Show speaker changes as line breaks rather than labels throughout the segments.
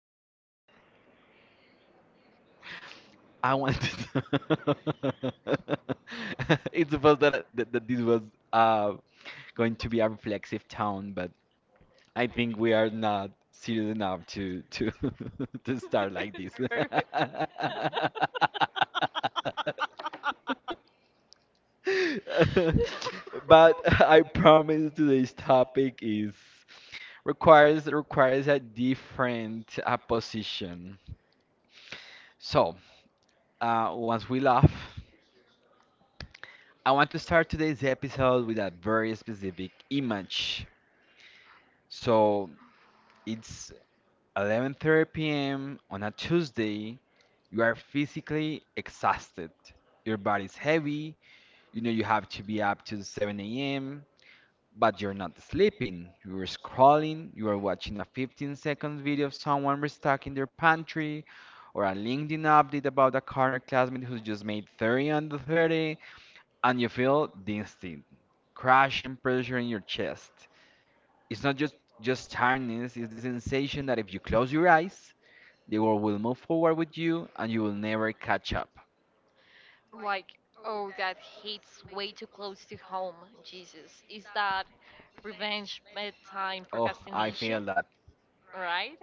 I wanted to. It's supposed that, I- that that this was uh going to be a reflexive tone, but I think we are not serious enough to to start like this.
Perfect.
But I promise today's topic is requires a different position. So once we laugh. I want to start today's episode with a very specific image. So it's 11:30 p.m. on a Tuesday. You are physically exhausted. Your body's heavy. You know you have to be up to 7 a.m. But you're not sleeping. You are scrolling. You are watching a 15-second video of someone restocking their pantry, or a LinkedIn update about a current classmate who just made 30 under 30. And you feel the instant crushing pressure in your chest. It's not just tiredness, it's the sensation that if you close your eyes, the world will move forward with you and you will never catch up.
Like, oh, that hits way too close to home. Jesus, is that revenge bedtime
Oh, I feel
procrastination?
that.
Right?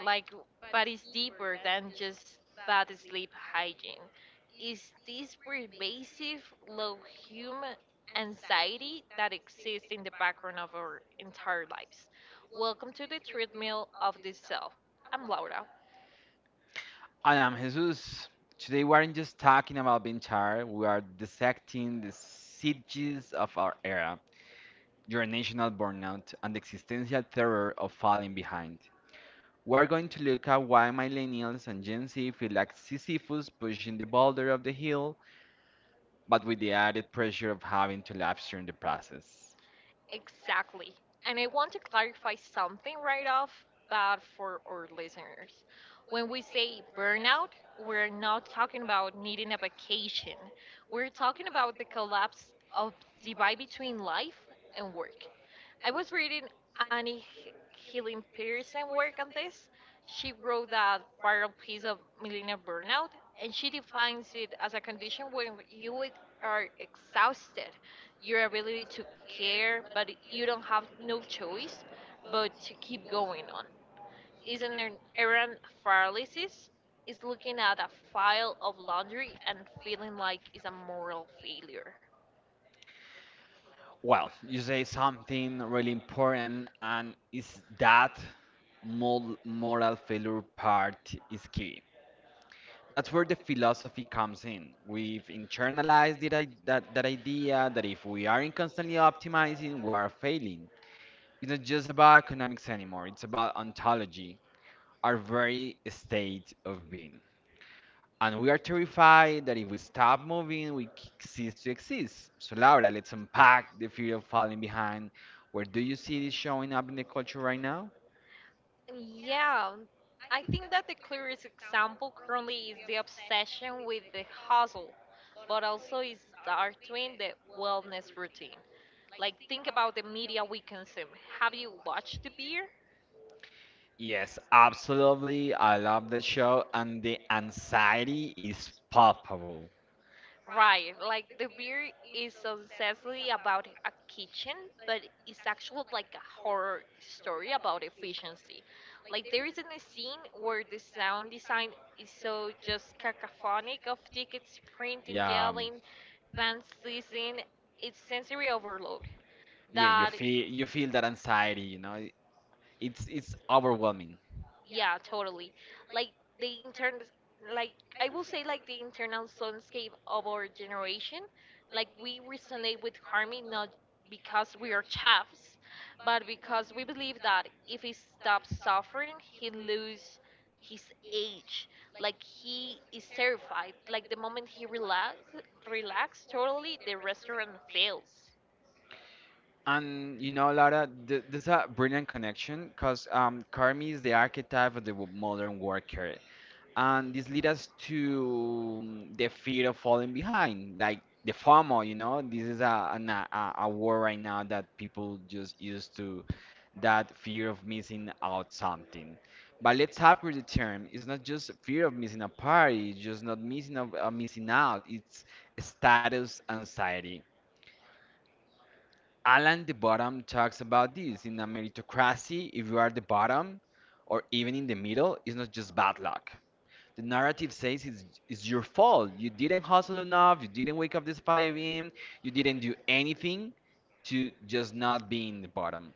Like, but it's deeper than just bad sleep hygiene. Is this pervasive, low human anxiety that exists in the background of our entire lives? Welcome to the treadmill of the self. I'm Laura.
I'm Jesus. Today we aren't just talking about being tired, we are dissecting the sieges of our era, generational burnout, and the existential terror of falling behind. We're going to look at why millennials and Gen Z feel like Sisyphus pushing the boulder up the hill, but with the added pressure of having to live stream the process.
Exactly. And I want to clarify something right off but for our listeners. When we say burnout, we're not talking about needing a vacation. We're talking about the collapse of divide between life and work. I was reading Annie Healing Pearson work on this. She wrote that viral piece of millennial burnout, and she defines it as a condition when you are exhausted your ability to care, but you don't have no choice but to keep going on. Isn't there errand paralysis? Is looking at a file of laundry and feeling like it's a moral failure.
Well, you say something really important, and is that moral failure part is key. That's where the philosophy comes in. We've internalized it, that idea that if we aren't constantly optimizing, we are failing. It's not just about economics anymore, it's about ontology, our very state of being. And we are terrified that if we stop moving, we cease to exist. So, Laura, let's unpack the fear of falling behind. Where do you see this showing up in the culture right now?
Yeah, I think that the clearest example currently is the obsession with the hustle, but also is starting the wellness routine. Like, think about the media we consume. Have you watched the beer?
Yes, absolutely. I love the show, and the anxiety is palpable.
Right, like the beer is obsessively about a kitchen, but it's actually like a horror story about efficiency. Like there is a scene where the sound design is so just cacophonic of tickets printing,
Yeah, um,
yelling, fans sneezing. It's sensory overload
yeah, you
that
feel that anxiety, you know. It's overwhelming.
yeah, totally. Like the intern, like I will say, like the internal soundscape of our generation. Like we resonate with harmony not because we are chefs, but because we believe that if he stops suffering, he lose his age. Like he is terrified. Like the moment he relax, relax totally, the restaurant fails.
And you know, Laura, th this is a brilliant connection because Carmi is the archetype of the modern worker, and this leads us to the fear of falling behind, like the FOMO. You know, this is a an, a word right now that people just used to that fear of missing out something. But let's upgrade the term. It's not just fear of missing a party, it's just not missing of missing out. It's status anxiety. Alan the Bottom talks about this. In a meritocracy, if you are the bottom or even in the middle, it's not just bad luck. The narrative says it's your fault. You didn't hustle enough, you didn't wake up this 5 a.m., you didn't do anything to just not be in the bottom.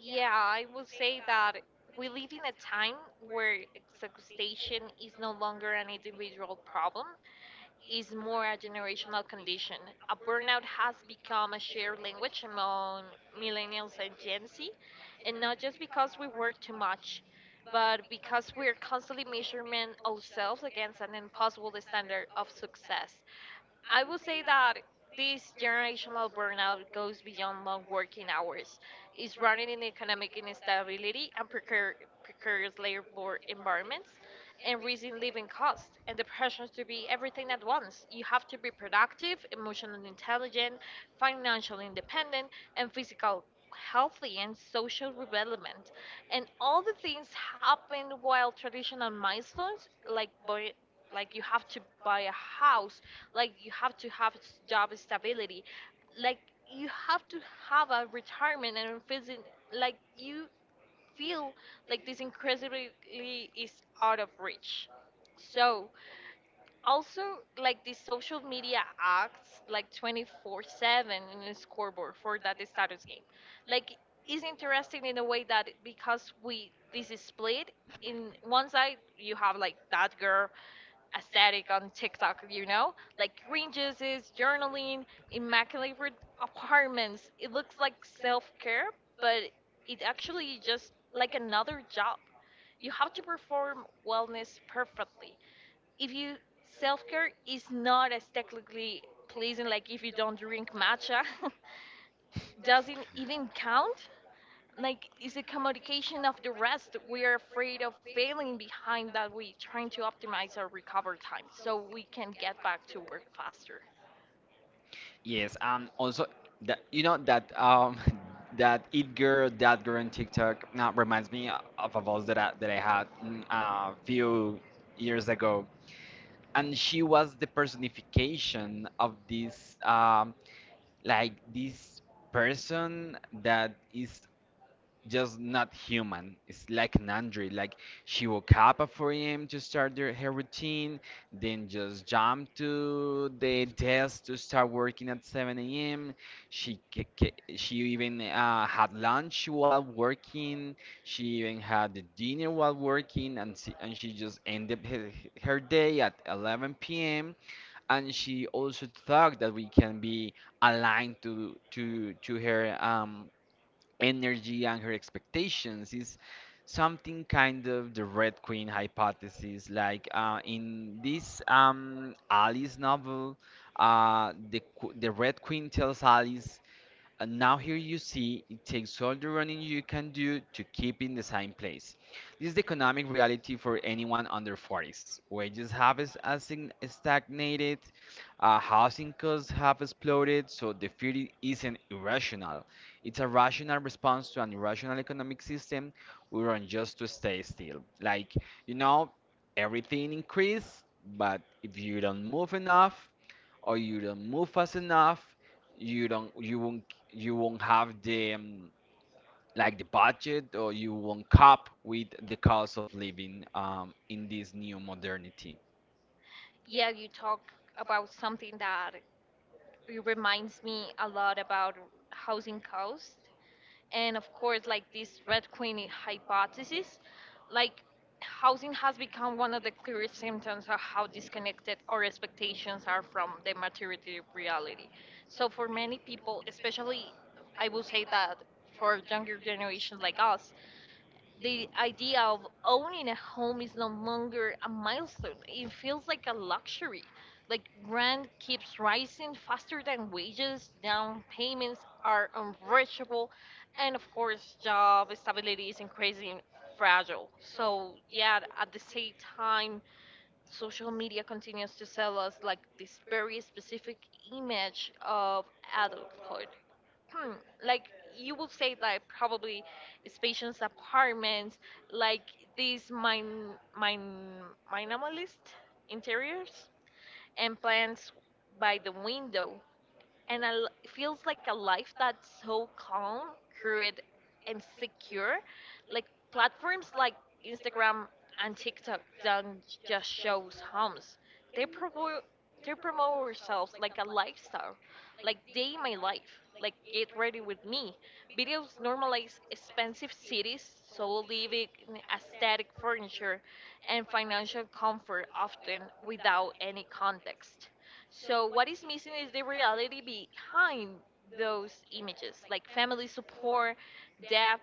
Yeah, I will say that we live in a time where exhaustion is no longer an individual problem, is more a generational condition. A burnout has become a shared language among millennials and Gen Z, and not just because we work too much, but because we're constantly measuring ourselves against an impossible standard of success. I would say that this generational burnout goes beyond long working hours. It's running in economic instability and precarious labor environments and rising living costs and the pressure to be everything at once. You have to be productive, emotionally intelligent, financially independent, and physical healthy and social development. And all the things happen while traditional milestones like like you have to buy a house, like you have to have job stability, like you have to have a retirement and feeling like you feel like this incredibly is out of reach. So also, like the social media acts like 24/7 in a scoreboard for that status game, like is interesting in a way that because we this is split in one side you have like that girl aesthetic on TikTok, you know? Like green juices, journaling, immaculate re- apartments. It looks like self care, but it actually just like another job. You have to perform wellness perfectly. If you self care is not as technically pleasing, like if you don't drink matcha, doesn't even count, like it's a commodification of the rest we are afraid of failing behind that we trying to optimize our recover time so we can get back to work faster.
Yes, also that you know that that girl on TikTok now reminds me of a voice that that I had a few years ago. And she was the personification of this like this person that is just not human. It's like an android. Like she woke up at 4 a.m. to start her routine, then just jumped to the desk to start working at 7 a.m. She even had lunch while working. She even had the dinner while working, and she just ended her day at 11 p.m. And she also thought that we can be aligned to her energy and her expectations. Is something kind of the Red Queen hypothesis. Like in this Alice novel, the Red Queen tells Alice and now here you see it takes all the running you can do to keep in the same place. This is the economic reality for anyone under 40s. Wages have stagnated, housing costs have exploded, so the fear isn't irrational. It's a rational response to an irrational economic system. We run just to stay still. Like, you know, everything increased, but if you don't move enough, or you don't move fast enough, you don't you won't you won't have the like the budget, or you won't cope with the cost of living in this new modernity.
Yeah, you talk about something that it reminds me a lot about housing costs, and of course like this Red Queen hypothesis. Like housing has become one of the clearest symptoms of how disconnected our expectations are from the material reality. So for many people, especially, I will say that for younger generations like us, the idea of owning a home is no longer a milestone. It feels like a luxury. Like rent keeps rising faster than wages, down payments are unreachable, and of course, job stability is increasingly fragile. So, yeah, at the same time, social media continues to sell us like this very specific image of adulthood. Hmm, like you will say that probably spacious apartments, like these mine mine minimalist interiors and plants by the window, and it feels like a life that's so calm, crude, and secure. Like platforms like Instagram and TikTok don't just shows homes. They promote they promote ourselves like a lifestyle, like day in my life, like get ready with me. Videos normalize expensive cities, so living in aesthetic furniture and financial comfort often without any context. So, what is missing is the reality behind those images, like family support, debt,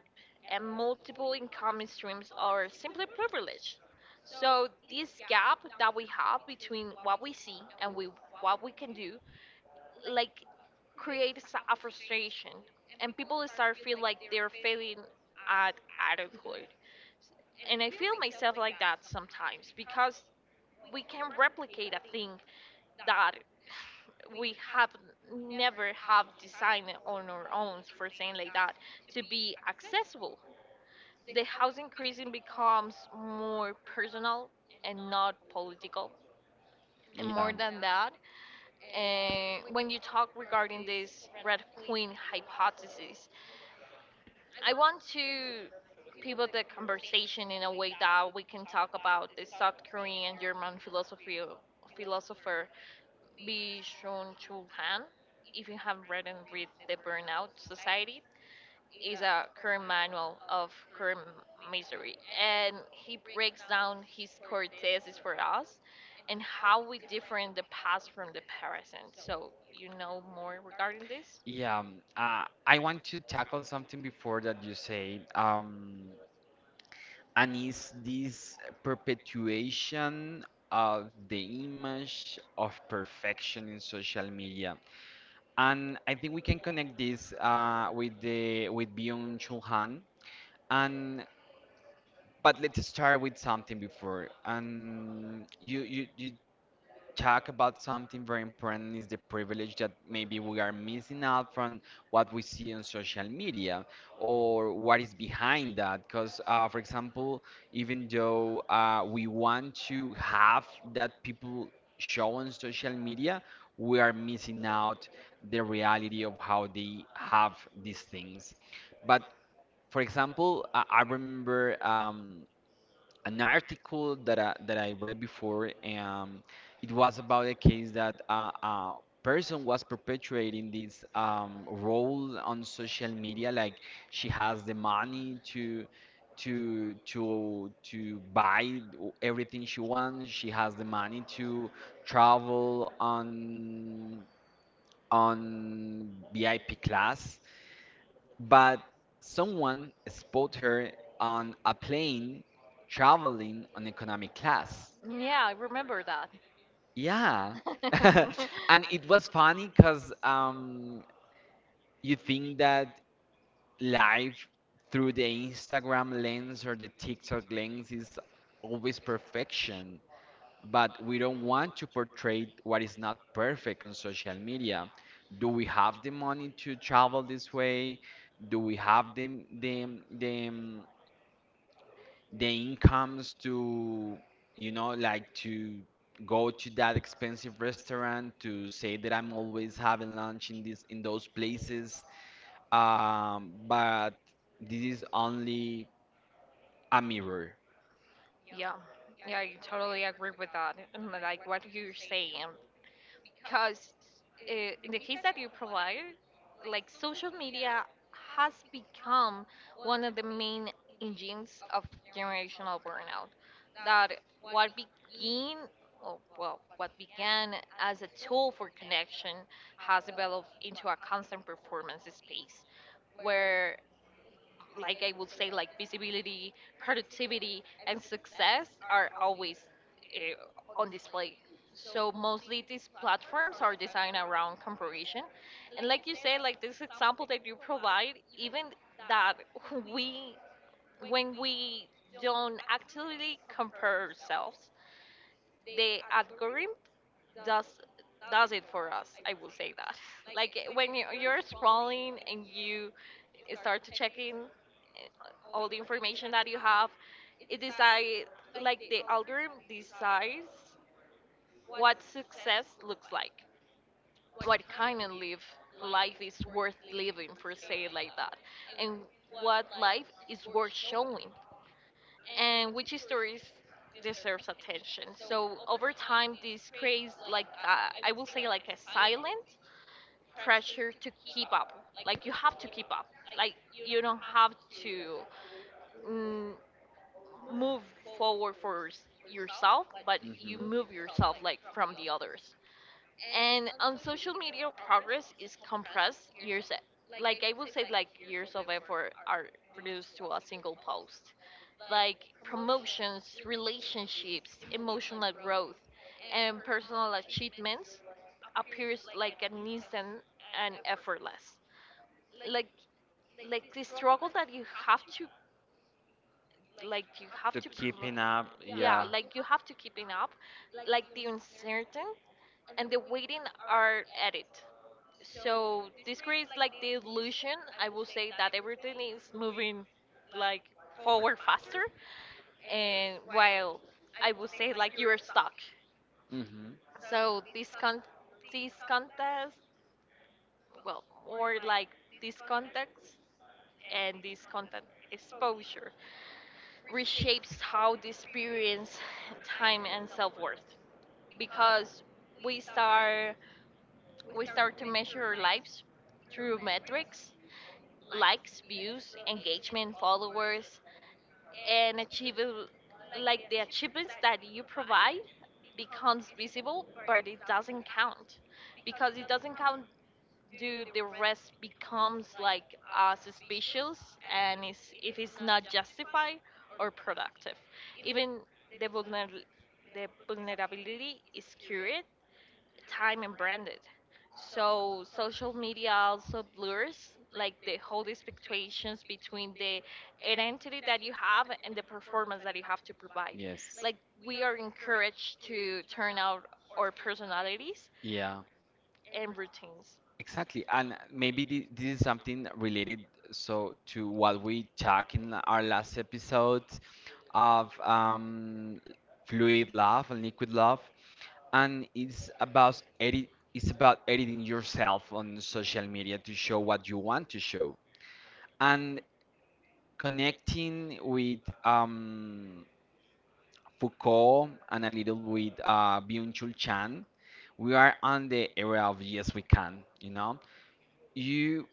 and multiple income streams, are simply privilege. So, this gap that we have between what we see and we, what we can do, like creates a frustration, and people start feel like they're failing at adulthood. And I feel myself like that sometimes because we can replicate a thing that we have never have designed on our own for saying like that to be accessible. The housing crisis becomes more personal and not political. And more
Yeah.
than that, and when you talk regarding this Red Queen hypothesis, I want to pivot the conversation in a way that we can talk about the South Korean German philosophy philosopher be shown Chulhan, if you have read The Burnout Society, is a current manual of current misery. And he breaks down his core thesis for us and how we different the past from the present. So you know more regarding this?
Yeah, I want to tackle something before that you say, and is this perpetuation of the image of perfection in social media? And I think we can connect this with the with Byung Chul Han. And but let's start with something before. And you talk about something very important, is the privilege that maybe we are missing out from what we see on social media or what is behind that. Because, for example, even though we want to have that people show on social media, we are missing out the reality of how they have these things. But, for example, I remember. An article that I read before. It was about a case that a person was perpetuating this role on social media, like she has the money to buy everything she wants. She has the money to travel on VIP class, but someone spotted her on a plane
Travel
traveling on
and economic
economic class.
class. Yeah, I remember that.
Yeah. And
And
it
it
was
was
funny
funny
because
because
you think that life through the Instagram lens or the TikTok lens is always perfection, but we don't want to portray what is not perfect on social media. Do we have the money to travel this way? Do we have the, the incomes to you know like to go to that expensive restaurant to say that I'm always having lunch in this in those places? But this is only a mirror.
Yeah, yeah, I totally agree with that. And, like what you're saying, because in the case that you provide, like social media has become one of the main engines of generational burnout. That what began, or well, what began as a tool for connection has developed into a constant performance space where, like I would say, like visibility, productivity, and success are always on display. So mostly these platforms are designed around comparison, and like you said, like this example that you provide, even that we when we don't actively compare ourselves, the algorithm does does it for us. I will say that like when you're scrolling and you start to checking all the information that you have, it decide, like the algorithm decides what success looks like, what kind of live life is worth living for say it like that, and what life is worth showing, and which stories deserves attention. So over time, this creates like I will say like a silent pressure to keep up. Like you have to keep up. Like you don't have to mm, move forward for yourself, but you
Mhm.
move yourself like from the others. And on social media, progress is compressed years. Like I would say, like years of effort are reduced to a single post, like promotions, relationships, emotional growth, and personal achievements appears like an instant and effortless. Like like the struggle that you have to like you have
To
to
keeping
provide,
up,
yeah,
yeah.
like you have to keeping up, like the uncertain and the waiting are added. So this creates like the illusion, I will say, that everything is moving like forward faster, and while I would say like you're stuck.
Hmm.
So this con, this contest, well, more like this context and this content exposure reshapes how the experience time and self-worth because we start we start to measure our lives through metrics, likes views engagement followers, and achievable, like the achievements that you provide becomes visible but it doesn't count because it doesn't count do the rest becomes like suspicious, and is if it's not justified or productive, even the vulner- the vulnerability is cured time and branded. So social media also blurs like the whole expectations between the identity that you have and the performance that you have to provide.
Yes.
Like we are encouraged to turn out our personalities
Yeah.
and routines.
Exactly. And maybe this is something related so to what we talked in our last episode of fluid love and liquid love, and it's about edit. It's about editing yourself on social media to show what you want to show. And connecting with Foucault and a little with Byung-Chul Chan, we are on the area of yes, we can. You know, you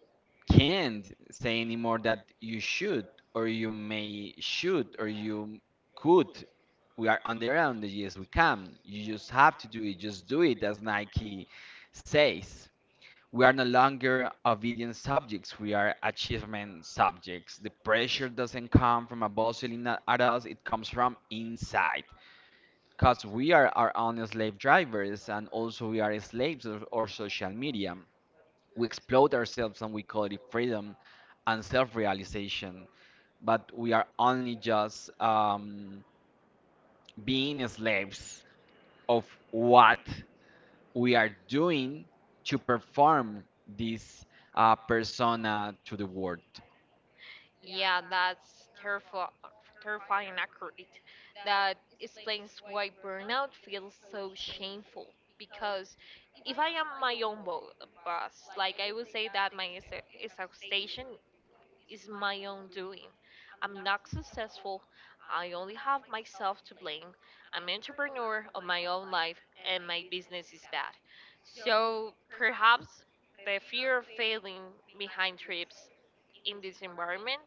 can't say anymore that you should or you may should or you could. We are on the area of the yes, we can. You just have to do it. Just do it, as Nike says. We are no longer obedient subjects, we are achievement subjects. The pressure doesn't come from above yelling at us, it comes from inside. Because we are our own slave drivers and also we are slaves of our social media. We exploit ourselves and we call it freedom and self realization, but we are only just being slaves of what we are doing to perform this persona to the world.
Yeah, that's terrifying, terrifying and accurate. That explains why burnout feels so shameful. Because if I am my own boss, like I would say that my exhaustion is my own doing. I'm not successful. I only have myself to blame. I'm entrepreneur of my own life, and my business is bad. So perhaps the fear of failing behind trips in this environment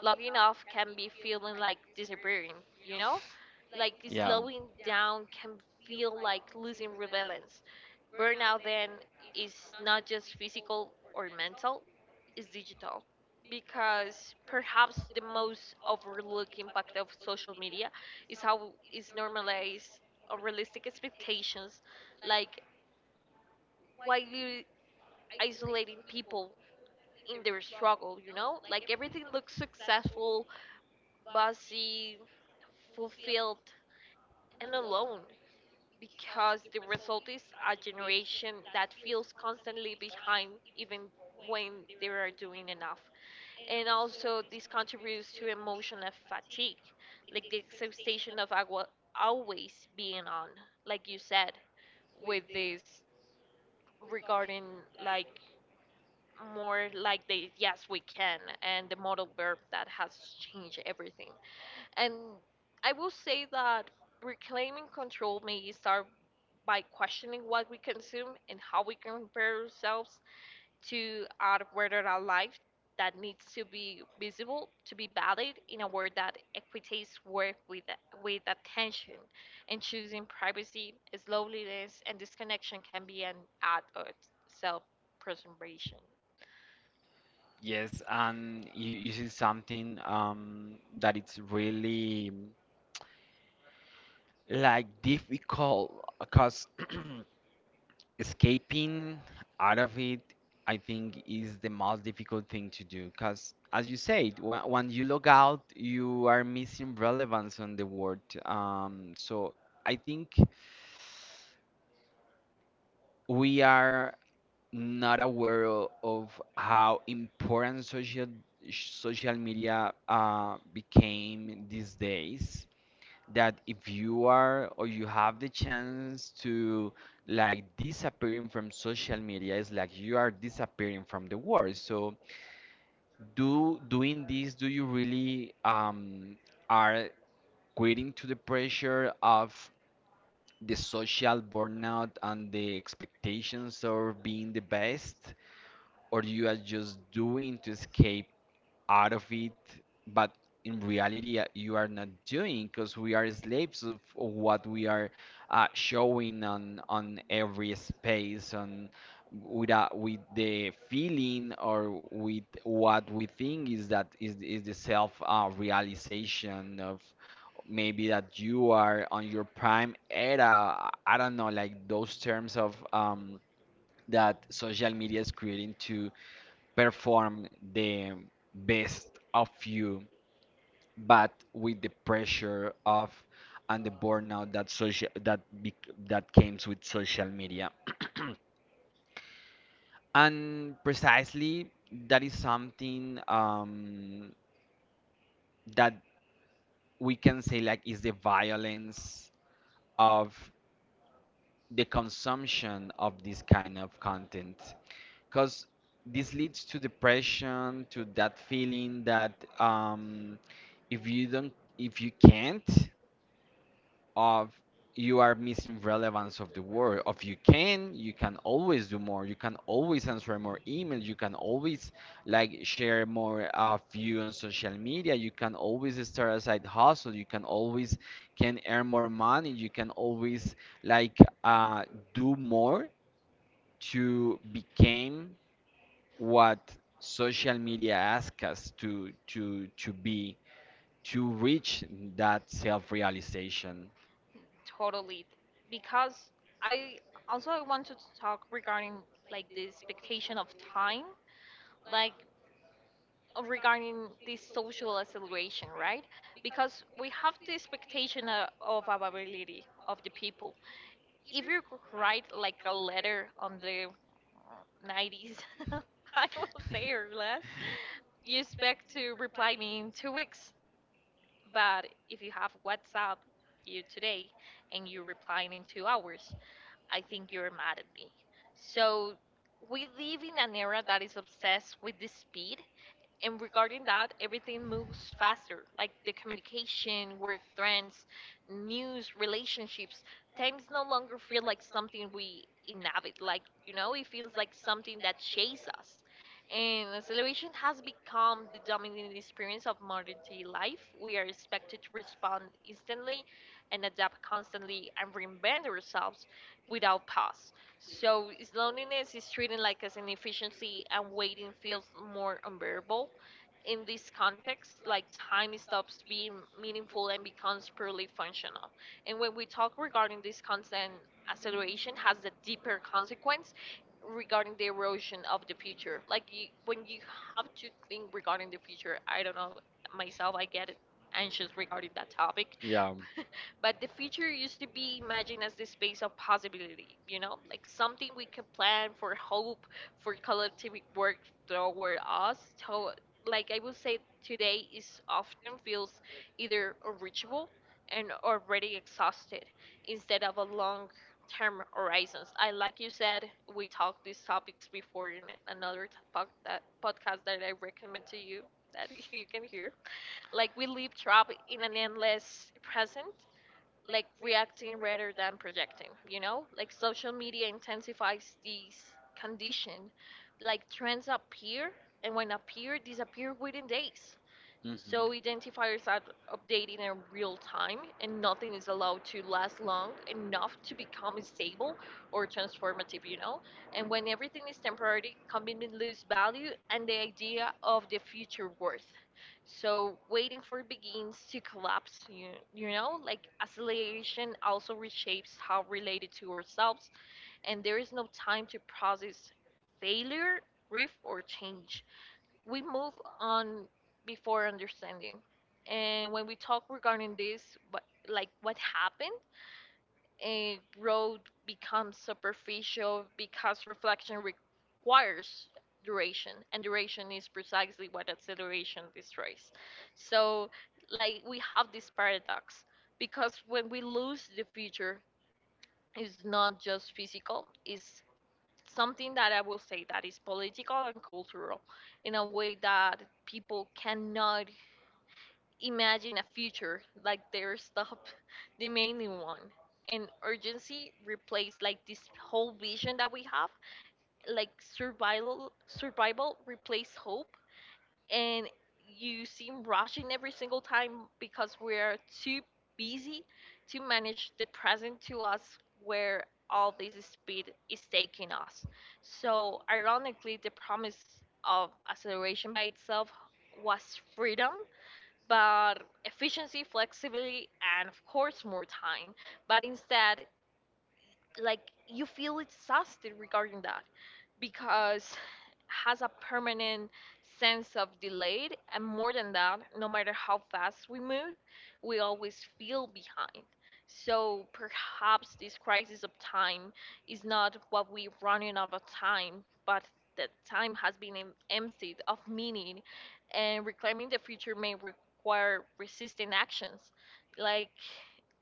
logging off can be feeling like disappearing, you know? Like
Yeah.
slowing down can feel like losing relevance. Burnout then is not just physical or mental, it's digital. Because perhaps the most overlooked impact of social media is how it's normalized unrealistic expectations, like why you isolating people in their struggle, you know? Like everything looks successful bossy, fulfilled, and alone because the result is a generation that feels constantly behind even when they are doing enough. And also, this contributes to emotional fatigue, like the exhaustion of always being on, like you said, with this regarding like more like the yes we can and the model verb that has changed everything. And I will say that reclaiming control may start by questioning what we consume and how we compare ourselves to our whether our life that needs to be visible, to be valid in a world that equitates work with attention, and choosing privacy as loneliness and disconnection can be an act of self preservation.
Yes, and you see something that it's really like difficult because escaping out of it, I think, is the most difficult thing to do. Because, as you said, when you log out, you are missing relevance on the world. So I think we are not aware of how important social media became these days, that if you are or you have the chance to like disappearing from social media, it's like you are disappearing from the world. So do doing this, do you really are quitting to the pressure of the social burnout and the expectations of being the best, or you are just doing to escape out of it, but in reality you are not doing because we are slaves of what we are showing on every space on with the feeling or with what we think is that is the self realization of maybe that you are on your prime era. I don't know, like those terms of that social media is creating to perform the best of you, but with the pressure of and the burnout that that comes with social media. And precisely that is something that we can say like is the violence of the consumption of this kind of content. Because this leads to depression, to that feeling that um, if you don't, if you can't, of you are missing relevance of the world. If you can, you can always do more. You can always answer more emails. You can always like share more of you on social media. You can always start a side hustle. You can always can earn more money. You can always like uh, do more to become what social media asks us to be to reach that self-realization.
Totally, because I also I want to talk regarding like the expectation of time, like regarding this social acceleration, right? Because we have the expectation of availability of the people. If you write like a letter on the 90s, I will say, or less, you expect to reply me in 2 weeks. But if you have WhatsApp, you today, and you reply in 2 hours, I think you're mad at me. So we live in an era that is obsessed with the speed, and regarding that, everything moves faster, like the communication, work trends, news, relationships. Times no longer feel like something we inhabit, like, you know, it feels like something that chases us. And acceleration has become the dominant experience of modern day life. We are expected to respond instantly and adapt constantly and reinvent ourselves without pause. So is loneliness is treated like as an efficiency and waiting feels more unbearable. In this context, like time stops being meaningful and becomes purely functional. And when we talk regarding this, constant acceleration has a deeper consequence regarding the erosion of the future. Like you, when you have to think regarding the future, I don't know, myself, I get anxious regarding that topic.
Yeah.
But the future used to be imagined as the space of possibility, you know, like something we can plan for hope, for collective work toward us. So, like I would say, today is often feels either unreachable and already exhausted instead of a long term horizons. I like you said, we talked these topics before in another that podcast that I recommend to you that you can hear. Like we live trapped in an endless present, like reacting rather than projecting, you know, like social media intensifies this condition, like trends appear, and when appear disappear within days.
Mhm.
So identifiers are updating in real time, and nothing is allowed to last long enough to become stable or transformative, you know. And when everything is temporary, convenience lose value and the idea of the future worth. So waiting for begins to collapse, you know, like acceleration also reshapes how related to ourselves, and there is no time to process failure, grief, or change. We move on before understanding. And when we talk regarding this, what, like what happened, a road becomes superficial because reflection requires duration, and duration is precisely what acceleration destroys. So, like, we have this paradox because when we lose the future, it's not just physical, it's something that I will say that is political and cultural in a way that people cannot imagine a future like they're stop demanding one. And urgency replaced like this whole vision that we have, like survival replaced hope, and you seem rushing every single time because we're too busy to manage the present to us where all this speed is taking us. So, ironically, the promise of acceleration by itself was freedom, but efficiency, flexibility, and of course, more time. But instead, like you feel exhausted regarding that because has a permanent sense of delayed, and more than that, no matter how fast we move, we always feel behind. So perhaps this crisis of time is not what we running out of time, but that time has been emptied of meaning, and reclaiming the future may require resisting actions like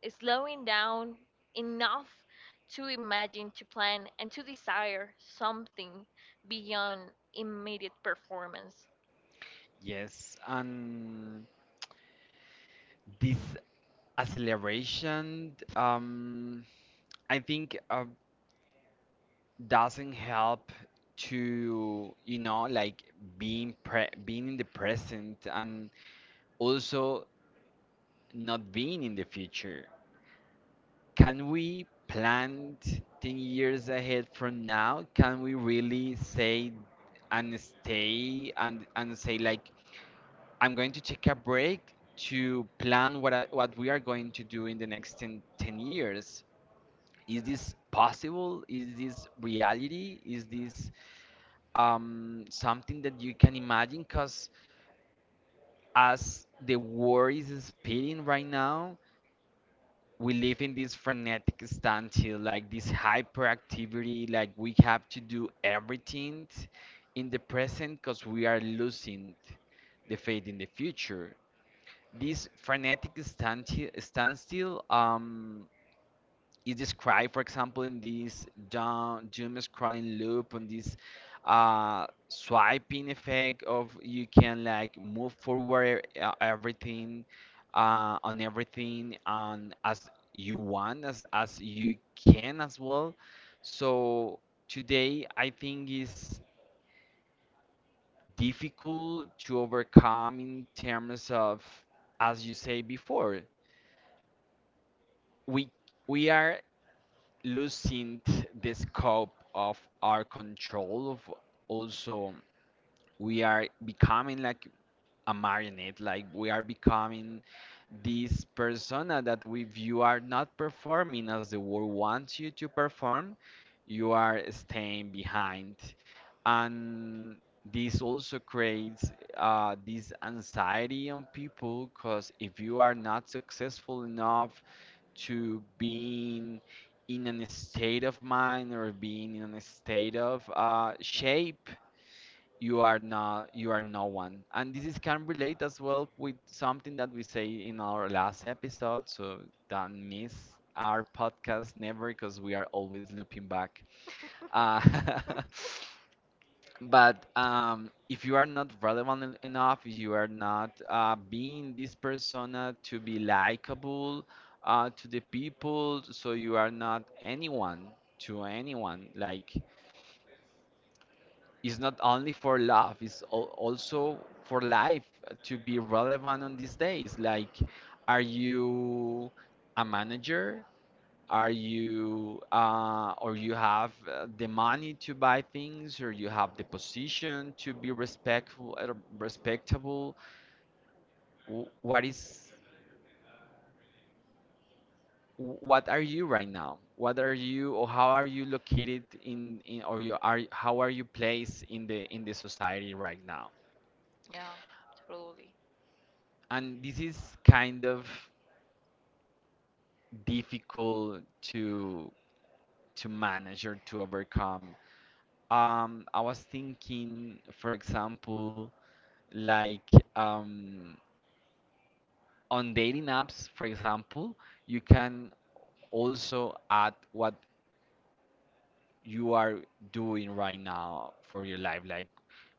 slowing down enough to imagine, to plan, and to desire something beyond immediate performance.
Yes, and this acceleration, I think doesn't help to, you know, like being in the present and also not being in the future. Can we plan 10 years ahead from now? Can we really say and say like I'm going to take a break to plan what we are going to do in the next ten years? Is this possible? Is this reality? Is this something that you can imagine? Because as the world is speeding right now, we live in this frenetic standstill, like this hyperactivity, like we have to do everything in the present because we are losing the faith in the future. This frenetic standstill is described, for example, in this doom scrolling loop, on this swiping effect of you can like move forward everything on everything and as you want, as you can as well. So today, I think is difficult to overcome in terms of, as you say before, we we are losing the scope of our control of also we are becoming like a marionette, like we are becoming this persona that if you are not performing as the world wants you to perform, you are staying behind, and this also creates this anxiety on people because if you are not successful enough to being in a state of mind or being in a state of shape, you are no one. And this is can relate as well with something that we say in our last episode. So don't miss our podcast never because we are always looping back. Uh, but if you are not relevant enough, if you are not being this persona to be likable to the people, so you are not anyone to anyone. Like it's not only for love, it's also for life to be relevant on these days. Like, are you a manager? Are you or you have the money to buy things, or you have the position to be respectful, respectable? Wh- What is what are you right now? What are you? Or how are you located in? Or you are, how are you placed in the society right now?
Yeah, totally.
And this is kind of difficult to to manage or to overcome. I was thinking, for example, like on dating apps, for example, you can also add what you are doing right now for your life, like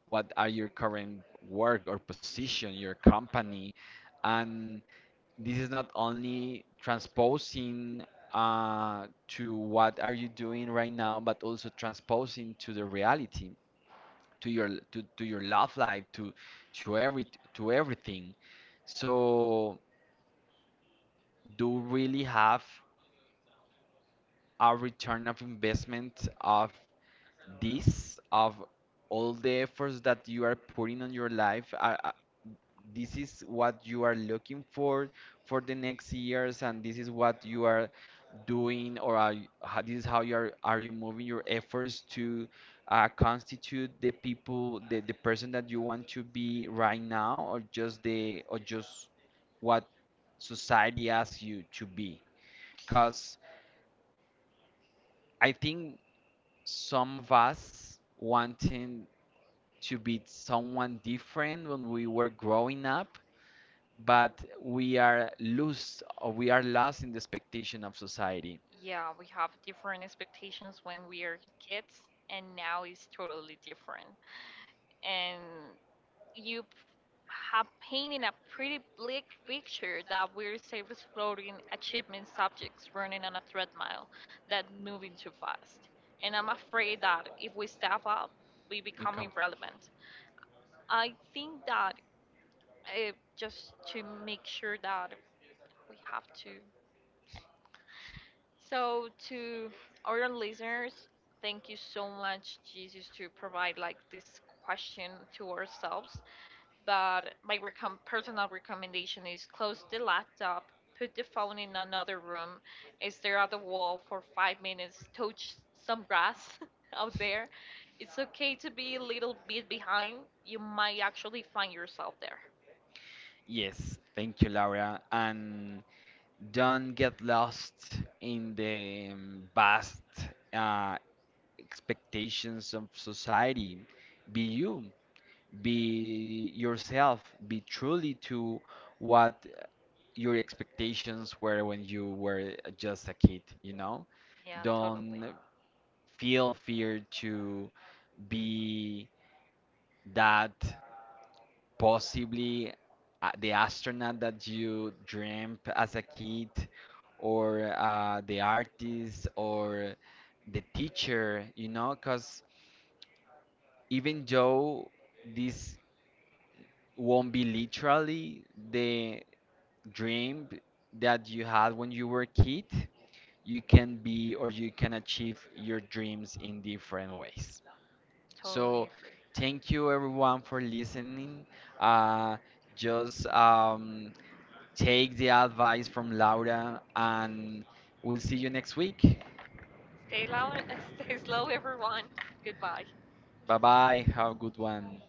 what are your current work or position, your company, and this is not only transposing to what are you doing right now, but also transposing to the reality, to your to your love life, to every to everything. So, do really have a return of investment of this of all the efforts that you are putting on your life, this is what you are looking for the next years, and this is what you are doing? Or are you, how, this is how you are? Are you moving your efforts to constitute the person that you want to be right now? Or just the or just what society asks you to be? Because I think some of us wanting to be someone different when we were growing up, but we are lost, or we are lost in the expectation of society.
Yeah, we have different expectations when we are kids, and now it's totally different. And you p- have painted a pretty bleak picture that we're safe floating achievement subjects running on a treadmill that moving too fast. And I'm afraid that if we step up, we become
Become.
irrelevant. I think that just to make sure that we have to. So to our listeners, thank you so much, Jesus, to provide like this question to ourselves. But my personal recommendation is close the laptop, put the phone in another room, stare at the wall for 5 minutes, touch some grass out there. It's okay to be a little bit behind. You might actually find yourself there.
Yes, thank you, Laura. And don't get lost in the vast uh, expectations of society. Be you, be yourself, be truly to what your expectations were when you were just a kid, you know?
Yeah, totally,
Don't feel fear to be that possibly the astronaut that you dreamt as a kid, or the artist, or the teacher, you know? Because even though this won't be literally the dream that you had when you were a kid, you can be, or you can achieve your dreams in different ways. So,
totally agree.
thank you everyone for listening. Uh, just take the advice from Laura, and we'll see you next week.
Stay low, stay slow, everyone. Goodbye.
Bye bye. Have a good one.